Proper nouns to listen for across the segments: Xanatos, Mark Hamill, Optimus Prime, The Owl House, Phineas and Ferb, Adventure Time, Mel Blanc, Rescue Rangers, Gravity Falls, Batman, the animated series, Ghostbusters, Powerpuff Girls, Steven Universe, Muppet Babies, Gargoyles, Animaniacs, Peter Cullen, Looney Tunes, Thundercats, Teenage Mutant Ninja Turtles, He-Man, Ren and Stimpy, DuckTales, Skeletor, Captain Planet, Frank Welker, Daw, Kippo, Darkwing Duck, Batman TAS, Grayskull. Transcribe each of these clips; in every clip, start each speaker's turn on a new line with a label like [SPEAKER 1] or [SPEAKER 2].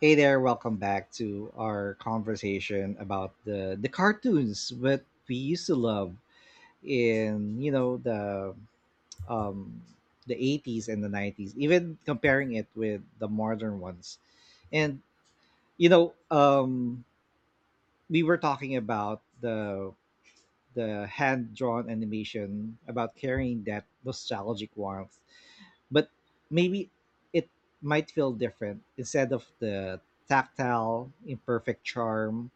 [SPEAKER 1] Hey there, welcome back to our conversation about the cartoons that we used to love in, you know, um the 80s and the 90s, even comparing it with the modern ones. And you know, um we were talking about the hand-drawn animation about carrying that nostalgic warmth. But maybe it might feel different instead of the tactile, imperfect charm.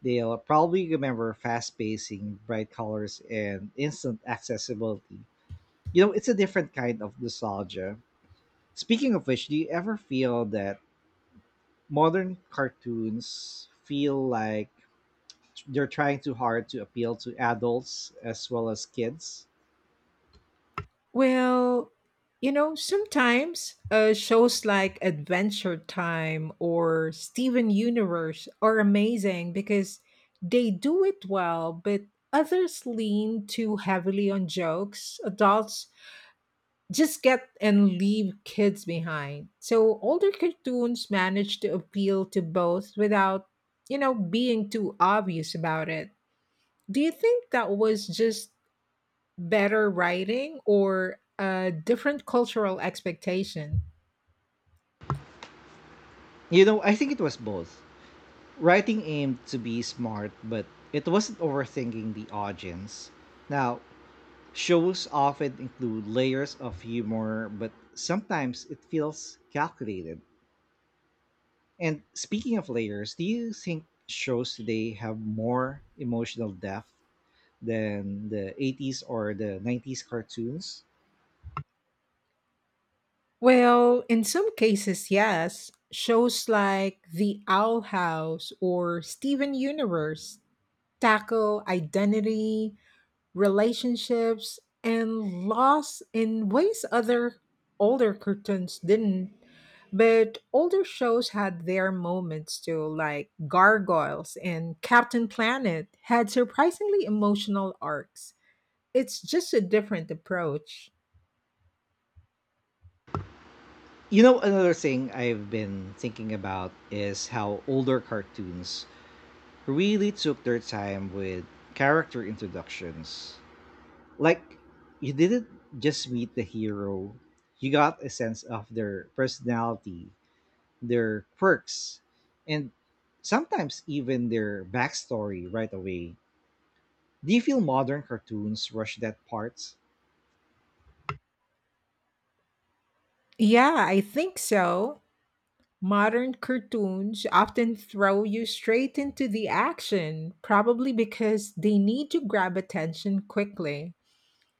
[SPEAKER 1] They'll probably remember fast pacing, bright colors, and instant accessibility. You know, it's a different kind of nostalgia. Speaking of which, do you ever feel that modern cartoons feel like they're trying too hard to appeal to adults as well as kids?
[SPEAKER 2] Well, sometimes shows like Adventure Time or Steven Universe are amazing because they do it well, but others lean too heavily on jokes. Adults just get and leave kids behind. So older cartoons manage to appeal to both without, being too obvious about it. Do you think that was just better writing or a different cultural expectation?
[SPEAKER 1] You know, I think it was both. Writing aimed to be smart, but it wasn't overthinking the audience. Now, shows often include layers of humor, but sometimes it feels calculated. And speaking of layers, do you think shows today have more emotional depth than the 80s or the 90s cartoons?
[SPEAKER 2] Well, in some cases, yes. Shows like The Owl House or Steven Universe tackle identity, relationships, and loss in ways other older cartoons didn't. But older shows had their moments too, like Gargoyles and Captain Planet had surprisingly emotional arcs. It's just a different approach.
[SPEAKER 1] You know, another thing I've been thinking about is how older cartoons really took their time with character introductions. Like, you didn't just meet the hero, you got a sense of their personality, their quirks, and sometimes even their backstory right away. Do you feel modern cartoons rush that part?
[SPEAKER 2] Yeah, I think so. Modern cartoons often throw you straight into the action, probably because they need to grab attention quickly.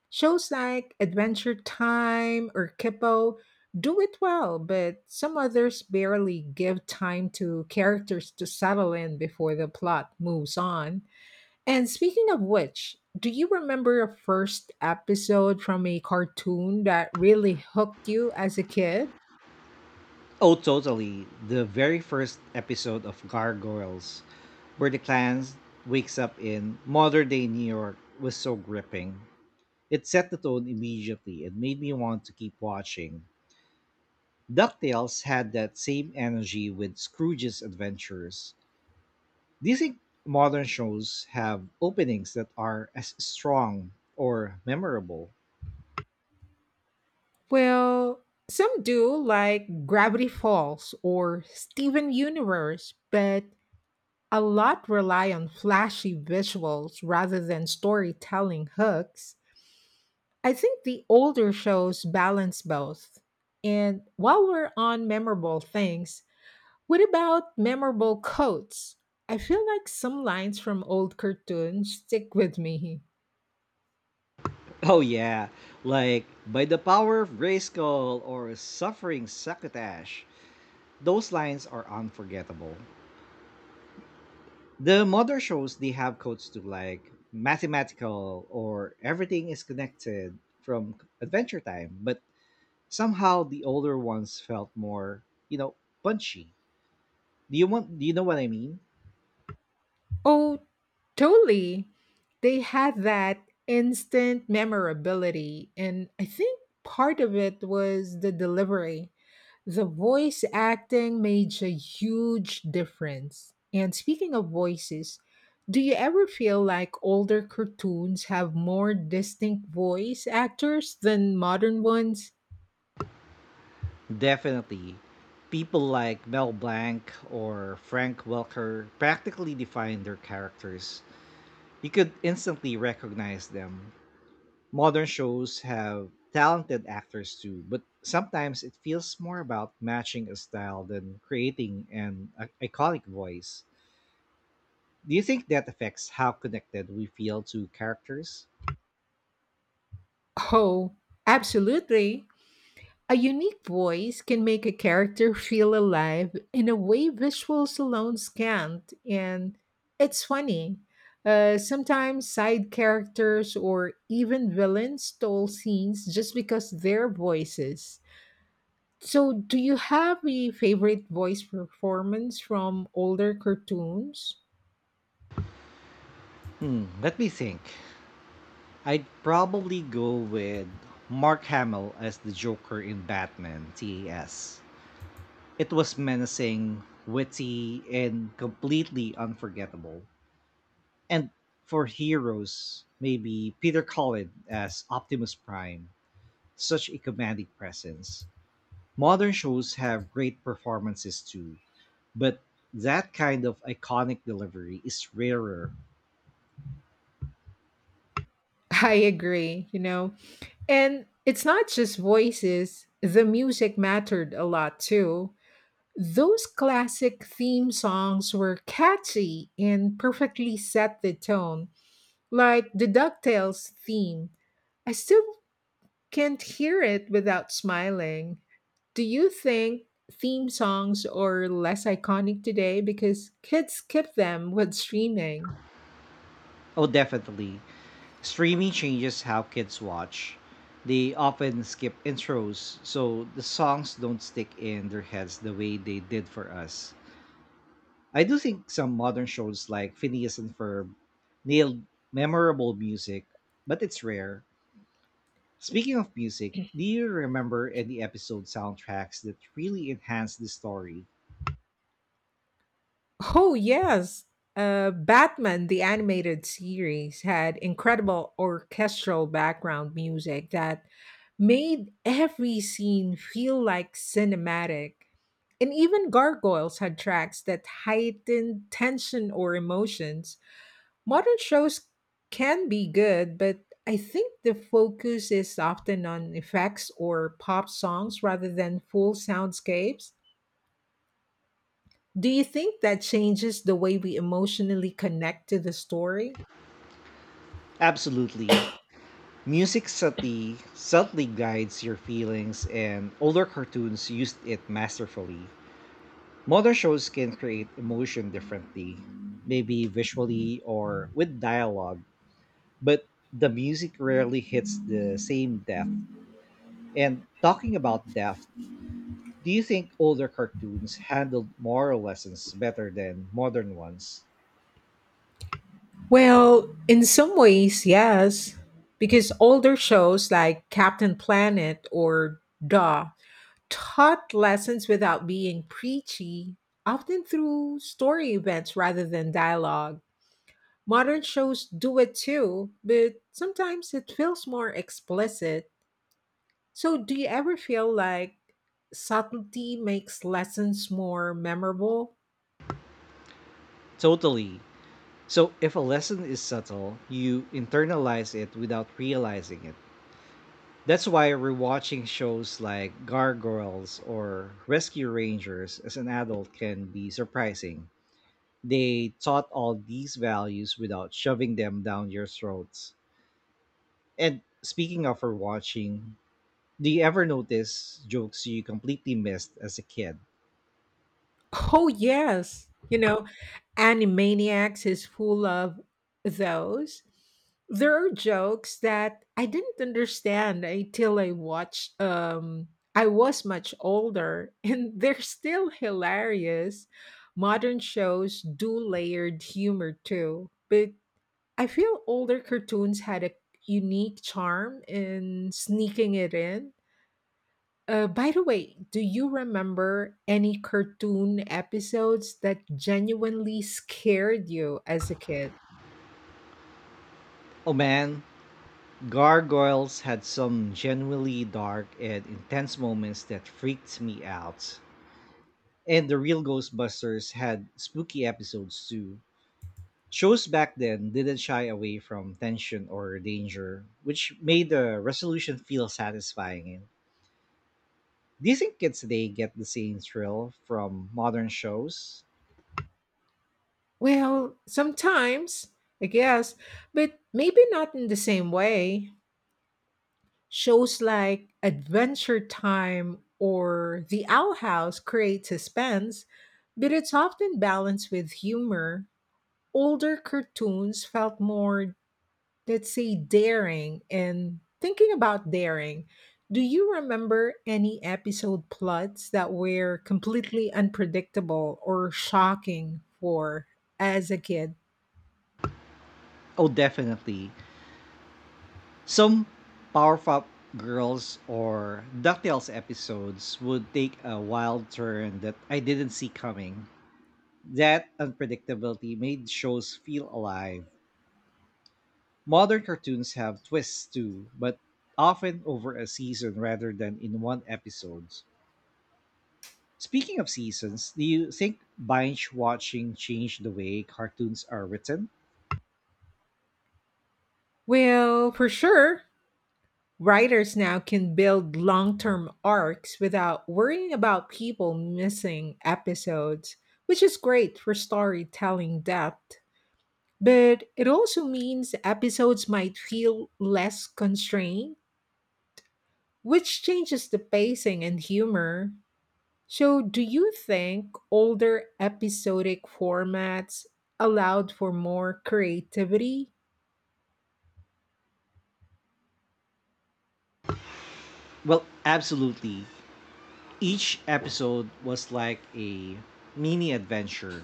[SPEAKER 2] Shows like Adventure Time or Kippo do it well, but some others barely give time to characters to settle in before the plot moves on. And speaking of which, do you remember a first episode from a cartoon that really hooked you as a kid?
[SPEAKER 1] Oh, totally. The very first episode of Gargoyles, where the clan wakes up in modern day New York, was so gripping. It set the tone immediately and made me want to keep watching. DuckTales had that same energy with Scrooge's Adventures. Do you think modern shows have openings that are as strong or memorable?
[SPEAKER 2] Well, some do, like Gravity Falls or Steven Universe, but a lot rely on flashy visuals rather than storytelling hooks. I think the older shows balance both. And while we're on memorable things, what about memorable quotes? I feel like some lines from old cartoons stick with me.
[SPEAKER 1] Oh yeah, like by the power of Grayskull or suffering succotash. Those lines are unforgettable. The modern shows they have codes to like mathematical or everything is connected from Adventure Time, but somehow the older ones felt more, you know, punchy. Do you know what I mean?
[SPEAKER 2] Oh, totally. They had that instant memorability. And I think part of it was the delivery. The voice acting made a huge difference. And speaking of voices, do you ever feel like older cartoons have more distinct voice actors than modern ones?
[SPEAKER 1] Definitely. People like Mel Blanc or Frank Welker practically defined their characters. You could instantly recognize them. Modern shows have talented actors too, but sometimes it feels more about matching a style than creating an iconic voice. Do you think that affects how connected we feel to characters?
[SPEAKER 2] Oh, absolutely. A unique voice can make a character feel alive in a way visuals alone can't. And it's funny. Sometimes side characters or even villains stole scenes just because their voices. So, do you have a favorite voice performance from older cartoons?
[SPEAKER 1] Hmm, let me think. I'd probably go with Mark Hamill as the Joker in Batman TAS. It was menacing, witty, and completely unforgettable. And for heroes, maybe Peter Cullen as Optimus Prime. Such a commanding presence. Modern shows have great performances too, but that kind of iconic delivery is rarer.
[SPEAKER 2] I agree, And it's not just voices, the music mattered a lot too. Those classic theme songs were catchy and perfectly set the tone, like the DuckTales theme. I still can't hear it without smiling. Do you think theme songs are less iconic today because kids skip them with streaming?
[SPEAKER 1] Oh, definitely. Streaming changes how kids watch. They often skip intros, so the songs don't stick in their heads the way they did for us. I do think some modern shows like Phineas and Ferb nailed memorable music, but it's rare. Speaking of music, do you remember any episode soundtracks that really enhanced the story?
[SPEAKER 2] Oh, yes. Batman, the animated series, had incredible orchestral background music that made every scene feel like cinematic. And even Gargoyles had tracks that heightened tension or emotions. Modern shows can be good, but I think the focus is often on effects or pop songs rather than full soundscapes. Do you think that changes the way we emotionally connect to the story?
[SPEAKER 1] Absolutely. Music subtly guides your feelings, and older cartoons used it masterfully. Modern shows can create emotion differently, maybe visually or with dialogue, but the music rarely hits the same depth. And talking about depth, do you think older cartoons handled moral lessons better than modern ones?
[SPEAKER 2] Well, in some ways, yes, because older shows like Captain Planet or Daw taught lessons without being preachy, often through story events rather than dialogue. Modern shows do it too, but sometimes it feels more explicit. So, do you ever feel like subtlety makes lessons more memorable?
[SPEAKER 1] Totally. So if a lesson is subtle, you internalize it without realizing it. That's why rewatching shows like Gargoyles or Rescue Rangers as an adult can be surprising. They taught all these values without shoving them down your throats. And speaking of rewatching, do you ever notice jokes you completely missed as a kid?
[SPEAKER 2] Oh, yes. Animaniacs is full of those. There are jokes that I didn't understand until I watched I was much older and they're still hilarious. Modern shows do layered humor too, but I feel older cartoons had a unique charm in sneaking it in. By the way, do you remember any cartoon episodes that genuinely scared you as a kid?
[SPEAKER 1] Oh man, Gargoyles had some genuinely dark and intense moments that freaked me out. And the real Ghostbusters had spooky episodes too. Shows back then didn't shy away from tension or danger, which made the resolution feel satisfying. Do you think kids today get the same thrill from modern shows?
[SPEAKER 2] Well, sometimes, I guess, but maybe not in the same way. Shows like Adventure Time or The Owl House create suspense, but it's often balanced with humor. Older cartoons felt more, let's say, daring. And thinking about daring, do you remember any episode plots that were completely unpredictable or shocking for, as a kid?
[SPEAKER 1] Oh, definitely. Some Powerpuff Girls or DuckTales episodes would take a wild turn that I didn't see coming. That unpredictability made shows feel alive. Modern cartoons have twists too, but often over a season rather than in one episode. Speaking of seasons, do you think binge watching changed the way cartoons are written?
[SPEAKER 2] Well, for sure, writers now can build long-term arcs without worrying about people missing episodes, which is great for storytelling depth, but it also means episodes might feel less constrained, which changes the pacing and humor. So, do you think older episodic formats allowed for more creativity?
[SPEAKER 1] Well, absolutely. Each episode was like a mini adventure,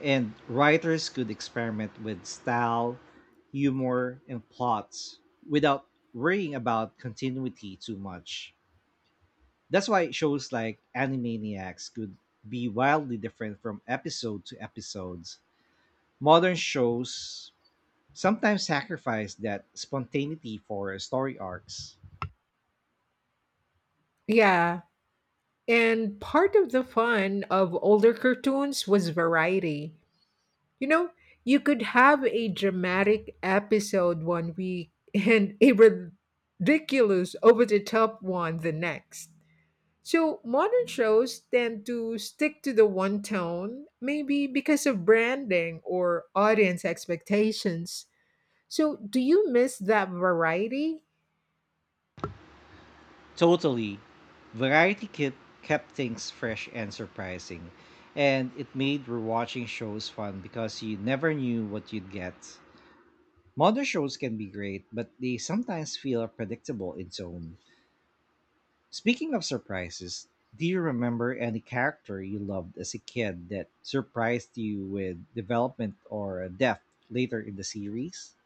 [SPEAKER 1] and writers could experiment with style, humor, and plots without worrying about continuity too much. That's why shows like Animaniacs could be wildly different from episode to episodes. Modern shows sometimes sacrifice that spontaneity for story arcs.
[SPEAKER 2] Yeah, and part of the fun of older cartoons was variety. You know, you could have a dramatic episode 1 week and a ridiculous over the top one the next. So modern shows tend to stick to the one tone, maybe because of branding or audience expectations. So do you miss that variety?
[SPEAKER 1] Totally. Variety kept things fresh and surprising, and it made rewatching shows fun because you never knew what you'd get. Modern shows can be great, but they sometimes feel predictable in tone. Speaking of surprises, do you remember any character you loved as a kid that surprised you with development or depth later in the series?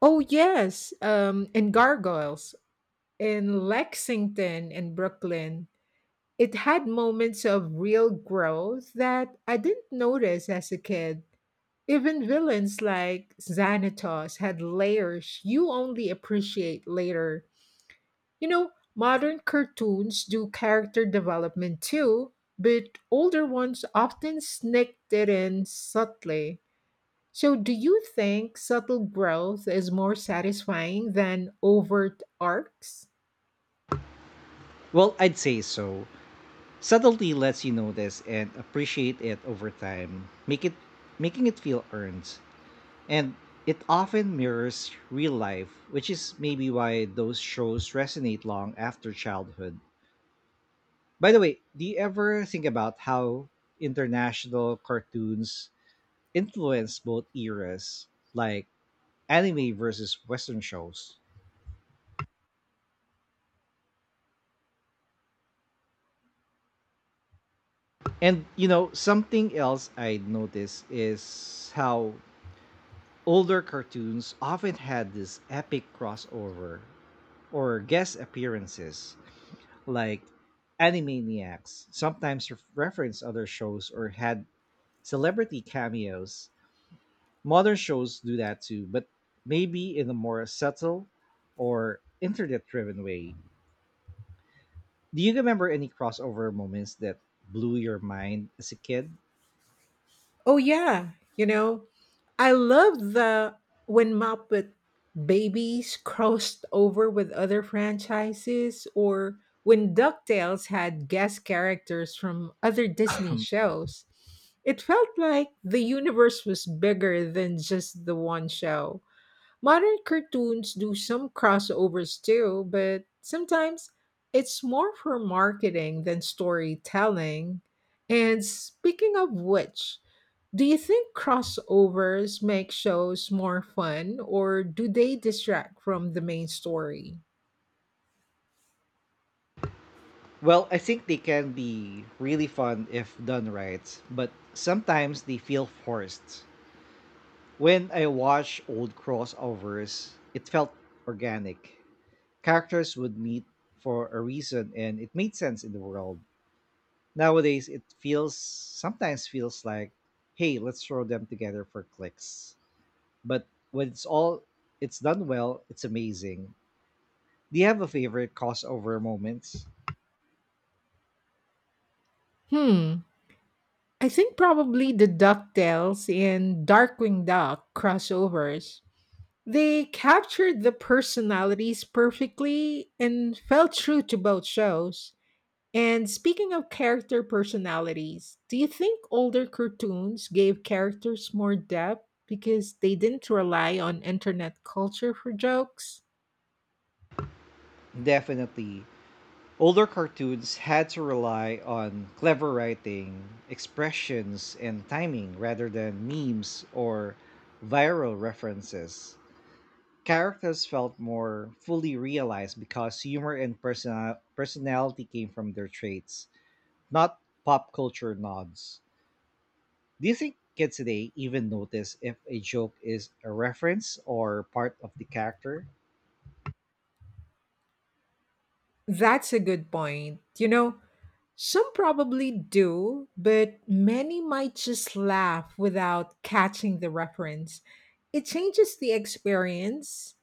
[SPEAKER 2] Oh yes, in Gargoyles, in Lexington and Brooklyn, it had moments of real growth that I didn't notice as a kid. Even villains like Xanatos had layers you only appreciate later. Modern cartoons do character development too, but older ones often sneak it in subtly. So, do you think subtle growth is more satisfying than overt arcs?
[SPEAKER 1] Well, I'd say so. Subtlety lets you notice and appreciate it over time, make it making it feel earned. And it often mirrors real life, which is maybe why those shows resonate long after childhood. By the way, do you ever think about how international cartoons influence both eras, like anime versus Western shows? And you know, something else I noticed is how older cartoons often had this epic crossover or guest appearances, like Animaniacs sometimes referenced other shows or had celebrity cameos. Modern shows do that too, but maybe in a more subtle or internet driven way. Do you remember any crossover moments that blew your mind as a kid?
[SPEAKER 2] Oh yeah, you know, I love the when Muppet Babies crossed over with other franchises or when DuckTales had guest characters from other Disney shows. It felt like the universe was bigger than just the one show. Modern cartoons do some crossovers too, but sometimes it's more for marketing than storytelling. And speaking of which, do you think crossovers make shows more fun or do they distract from the main story?
[SPEAKER 1] Well, I think they can be really fun if done right, but sometimes they feel forced. When I watched old crossovers, it felt organic. Characters would meet for a reason and it made sense in the world. Nowadays it feels sometimes feels like, hey, let's throw them together for clicks. But when it's done well, it's amazing. Do you have a favorite crossover moments?
[SPEAKER 2] Hmm. I think probably the DuckTales and Darkwing Duck crossovers. They captured the personalities perfectly and felt true to both shows. And speaking of character personalities, do you think older cartoons gave characters more depth because they didn't rely on internet culture for jokes?
[SPEAKER 1] Definitely. Older cartoons had to rely on clever writing, expressions, and timing rather than memes or viral references. Characters felt more fully realized because humor and personality came from their traits, not pop culture nods. Do you think kids today even notice if a joke is a reference or part of the character?
[SPEAKER 2] That's a good point. Some probably do, but many might just laugh without catching the reference. It changes the experience.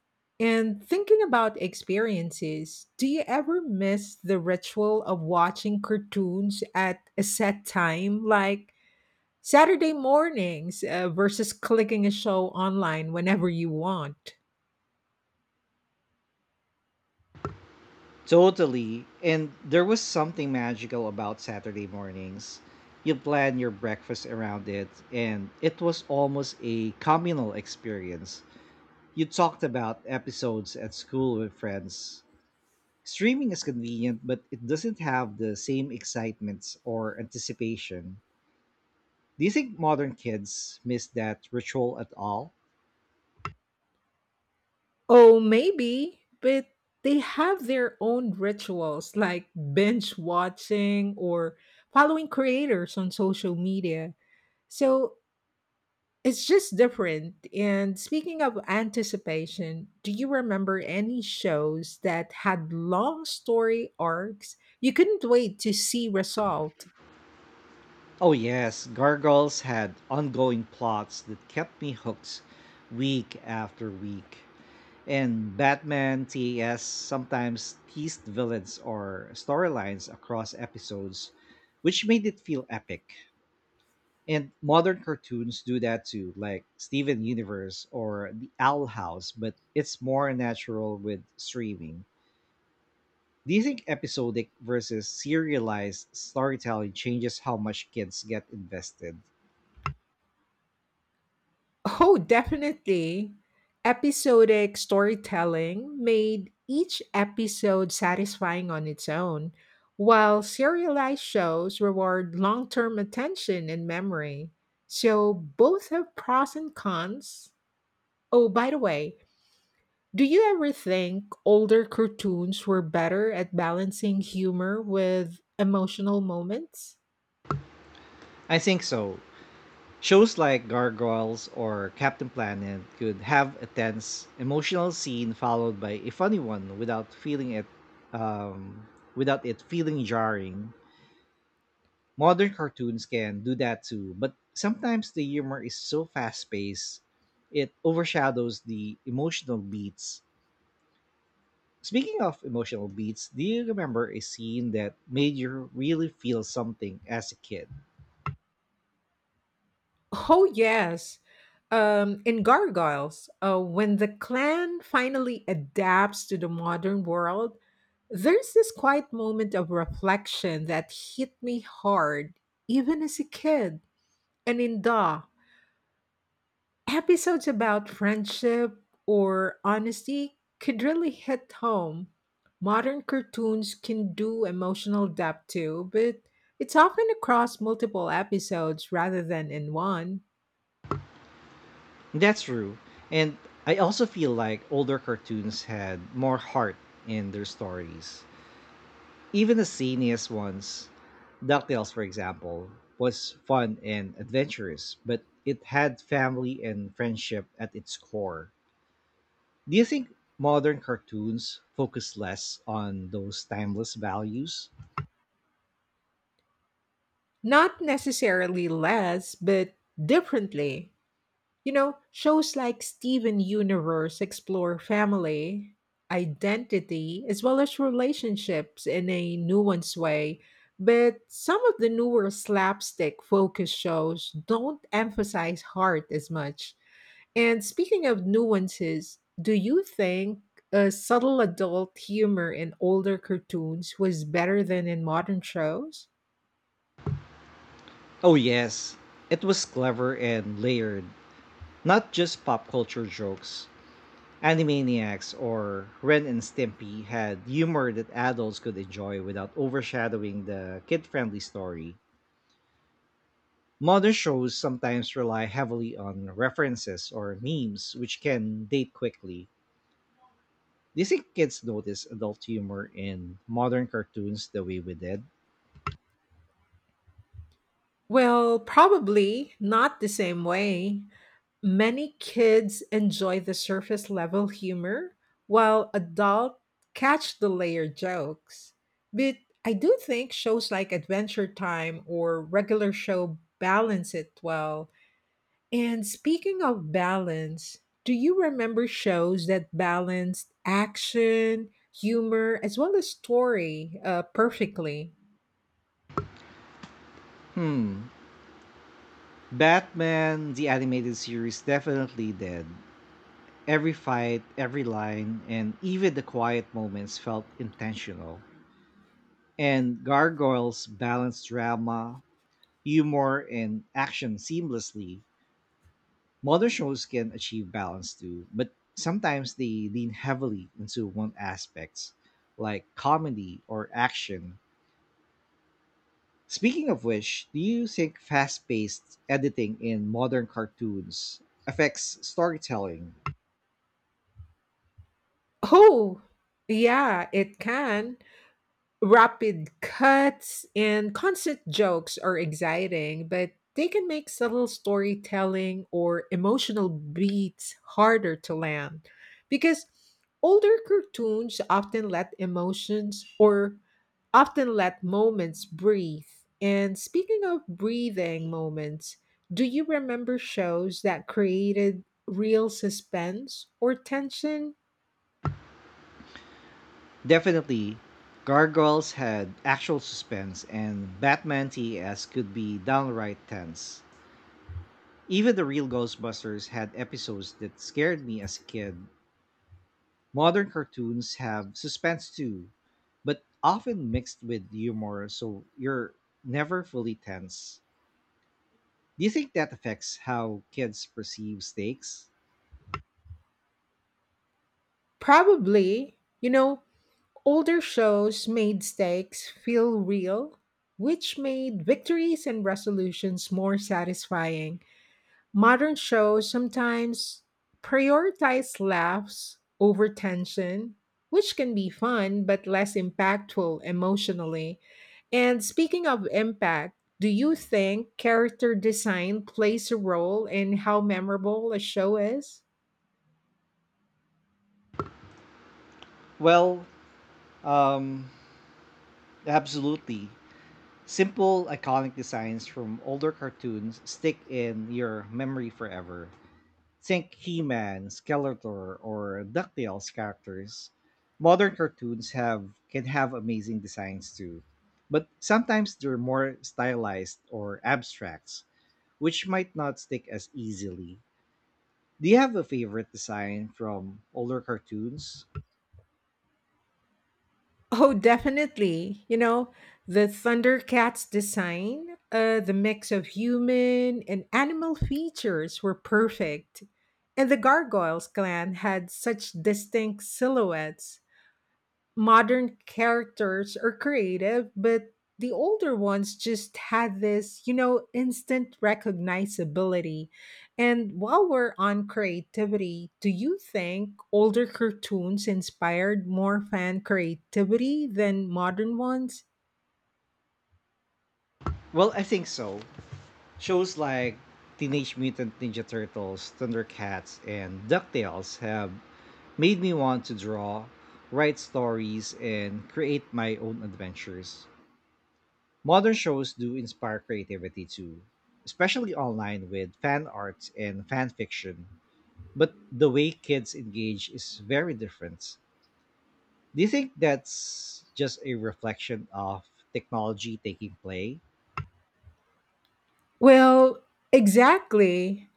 [SPEAKER 2] And thinking about experiences, do you ever miss the ritual of watching cartoons at a set time? Like, Saturday mornings versus clicking a show online whenever you want.
[SPEAKER 1] Totally. And there was something magical about Saturday mornings. You plan your breakfast around it, and it was almost a communal experience. You talked about episodes at school with friends. Streaming is convenient, but it doesn't have the same excitement or anticipation. Do you think modern kids miss that ritual at all?
[SPEAKER 2] Oh, maybe, but they have their own rituals like binge watching or following creators on social media. So it's just different. And speaking of anticipation, do you remember any shows that had long story arcs you couldn't wait to see resolved?
[SPEAKER 1] Oh yes, Gargoyles had ongoing plots that kept me hooked week after week. And Batman TAS sometimes teased villains or storylines across episodes, which made it feel epic. And modern cartoons do that too, like Steven Universe or The Owl House, but it's more natural with streaming. Do you think episodic versus serialized storytelling changes how much kids get invested?
[SPEAKER 2] Oh, definitely. Episodic storytelling made each episode satisfying on its own, while serialized shows reward long term attention and memory. So both have pros and cons. Oh, by the way, do you ever think older cartoons were better at balancing humor with emotional moments?
[SPEAKER 1] I think so. Shows like Gargoyles or Captain Planet could have a tense, emotional scene followed by a funny one without feeling it um, without it feeling jarring. Modern cartoons can do that too, but sometimes the humor is so fast-paced it overshadows the emotional beats. Speaking of emotional beats, do you remember a scene that made you really feel something as a kid?
[SPEAKER 2] Oh, yes. In Gargoyles, when the clan finally adapts to the modern world, there's this quiet moment of reflection that hit me hard, even as a kid. And in Da, episodes about friendship or honesty could really hit home. Modern cartoons can do emotional depth too, but it's often across multiple episodes rather than in one.
[SPEAKER 1] That's true. And I also feel like older cartoons had more heart in their stories. Even the siniest ones, DuckTales, for example, was fun and adventurous, but it had family and friendship at its core. Do you think modern cartoons focus less on those timeless values?
[SPEAKER 2] Not necessarily less, but differently. Shows like Steven Universe explore family, identity, as well as relationships in a nuanced way. But some of the newer slapstick focus shows don't emphasize heart as much. And speaking of nuances, do you think subtle adult humor in older cartoons was better than in modern shows?
[SPEAKER 1] Oh, yes. It was clever and layered, not just pop culture jokes. Animaniacs or Ren and Stimpy had humor that adults could enjoy without overshadowing the kid-friendly story. Modern shows sometimes rely heavily on references or memes, which can date quickly. Do you think kids notice adult humor in modern cartoons the way we did?
[SPEAKER 2] Well, probably not the same way. Many kids enjoy the surface level humor, while adults catch the layered jokes. But I do think shows like Adventure Time or regular show balance it well. And speaking of balance, do you remember shows that balanced action, humor, as well as story perfectly?
[SPEAKER 1] Hmm. Batman, the animated series, definitely did. Every fight, every line, and even the quiet moments felt intentional. And Gargoyles balance drama, humor, and action seamlessly. Modern shows can achieve balance too, but sometimes they lean heavily into one aspect, like comedy or action. Speaking of which, do you think fast paced editing in modern cartoons affects storytelling?
[SPEAKER 2] Oh, yeah, it can. Rapid cuts and constant jokes are exciting, but they can make subtle storytelling or emotional beats harder to land, because older cartoons often let moments breathe. And speaking of breathing moments, do you remember shows that created real suspense or tension?
[SPEAKER 1] Definitely. Gargoyles had actual suspense, and Batman TAS could be downright tense. Even the real Ghostbusters had episodes that scared me as a kid. Modern cartoons have suspense too, but often mixed with humor, so you're never fully tense. Do you think that affects how kids perceive stakes?
[SPEAKER 2] Probably. Older shows made stakes feel real, which made victories and resolutions more satisfying. Modern shows sometimes prioritize laughs over tension, which can be fun but less impactful emotionally. And speaking of impact, do you think character design plays a role in how memorable a show is?
[SPEAKER 1] Well, um, absolutely. Simple, iconic designs from older cartoons stick in your memory forever. Think He-Man, Skeletor, or DuckTales characters. Modern cartoons have can have amazing designs too, but sometimes they're more stylized or abstracts, which might not stick as easily. Do you have a favorite design from older cartoons?
[SPEAKER 2] Oh, definitely. The Thundercats design, the mix of human and animal features were perfect. And the Gargoyles clan had such distinct silhouettes. Modern characters are creative, but the older ones just had this, instant recognizability. And while we're on creativity, do you think older cartoons inspired more fan creativity than modern ones?
[SPEAKER 1] Well, I think so. Shows like Teenage Mutant Ninja Turtles, Thundercats, and DuckTales have made me want to draw, write stories, and create my own adventures. Modern shows do inspire creativity too, especially online with fan art and fan fiction, but the way kids engage is very different. Do you think that's just a reflection of technology taking play?
[SPEAKER 2] Well, exactly.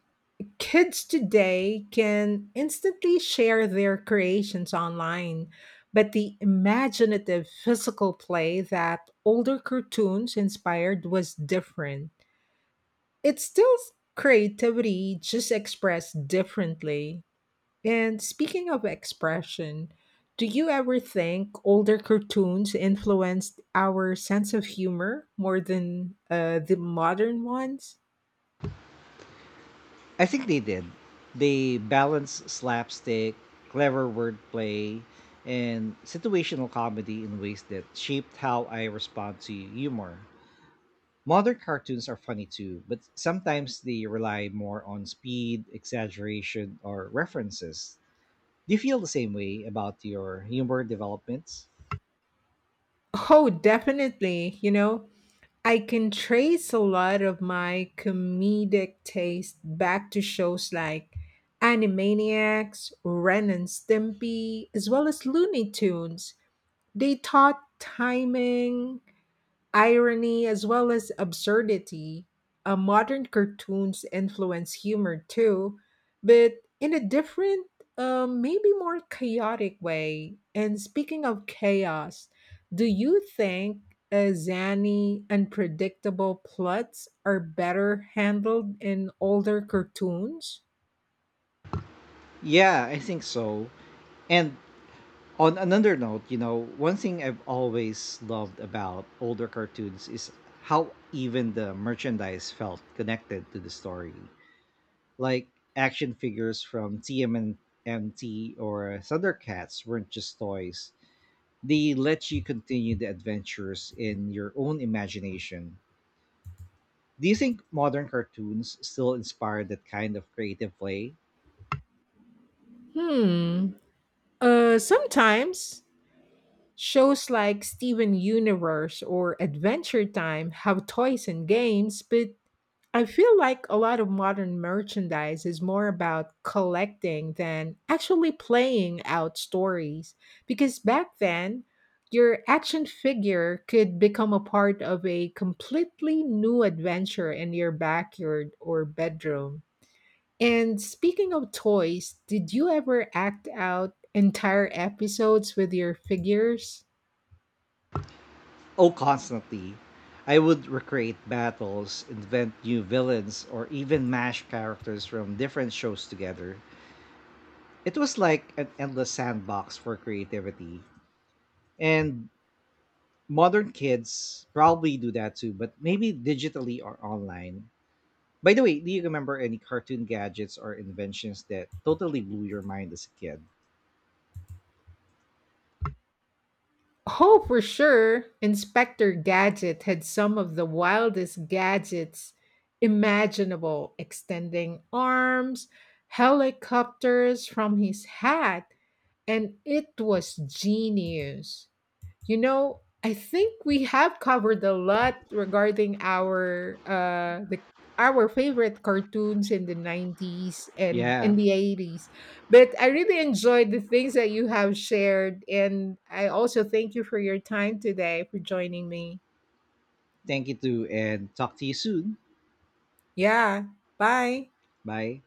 [SPEAKER 2] Kids today can instantly share their creations online, but the imaginative physical play that older cartoons inspired was different. It's still creativity, just expressed differently. And speaking of expression, do you ever think older cartoons influenced our sense of humor more than the modern ones?
[SPEAKER 1] I think they did. They balance slapstick, clever wordplay, and situational comedy in ways that shaped how I respond to humor. Modern cartoons are funny too, but sometimes they rely more on speed, exaggeration, or references. Do you feel the same way about your humor developments?
[SPEAKER 2] Oh, definitely. I can trace a lot of my comedic taste back to shows like Animaniacs, Ren and Stimpy, as well as Looney Tunes. They taught timing, irony as well as absurdity. Modern cartoons influence humor too, but in a different, maybe more chaotic way. And speaking of chaos, do you think zany, unpredictable plots are better handled in older cartoons?
[SPEAKER 1] Yeah, I think so. And on another note, you know, one thing I've always loved about older cartoons is how even the merchandise felt connected to the story. Like action figures from TMNT or Thundercats weren't just toys. They let you continue the adventures in your own imagination. Do you think modern cartoons still inspire that kind of creative play?
[SPEAKER 2] Hmm. Sometimes shows like Steven Universe or Adventure Time have toys and games, but I feel like a lot of modern merchandise is more about collecting than actually playing out stories. Because back then, your action figure could become a part of a completely new adventure in your backyard or bedroom. And speaking of toys, did you ever act out entire episodes with your figures?
[SPEAKER 1] Oh, constantly. I would recreate battles, invent new villains, or even mash characters from different shows together. It was like an endless sandbox for creativity. And modern kids probably do that too, but maybe digitally or online. By the way, do you remember any cartoon gadgets or inventions that totally blew your mind as a kid?
[SPEAKER 2] Oh, for sure. Inspector Gadget had some of the wildest gadgets imaginable, extending arms, helicopters from his hat, and it was genius. I think we have covered a lot regarding our favorite cartoons in the 90s and
[SPEAKER 1] Yeah.
[SPEAKER 2] in the 80s. But I really enjoyed the things that you have shared and I also thank you for your time today for joining me.
[SPEAKER 1] Thank you too, and talk to you soon.
[SPEAKER 2] Yeah. Bye.
[SPEAKER 1] Bye.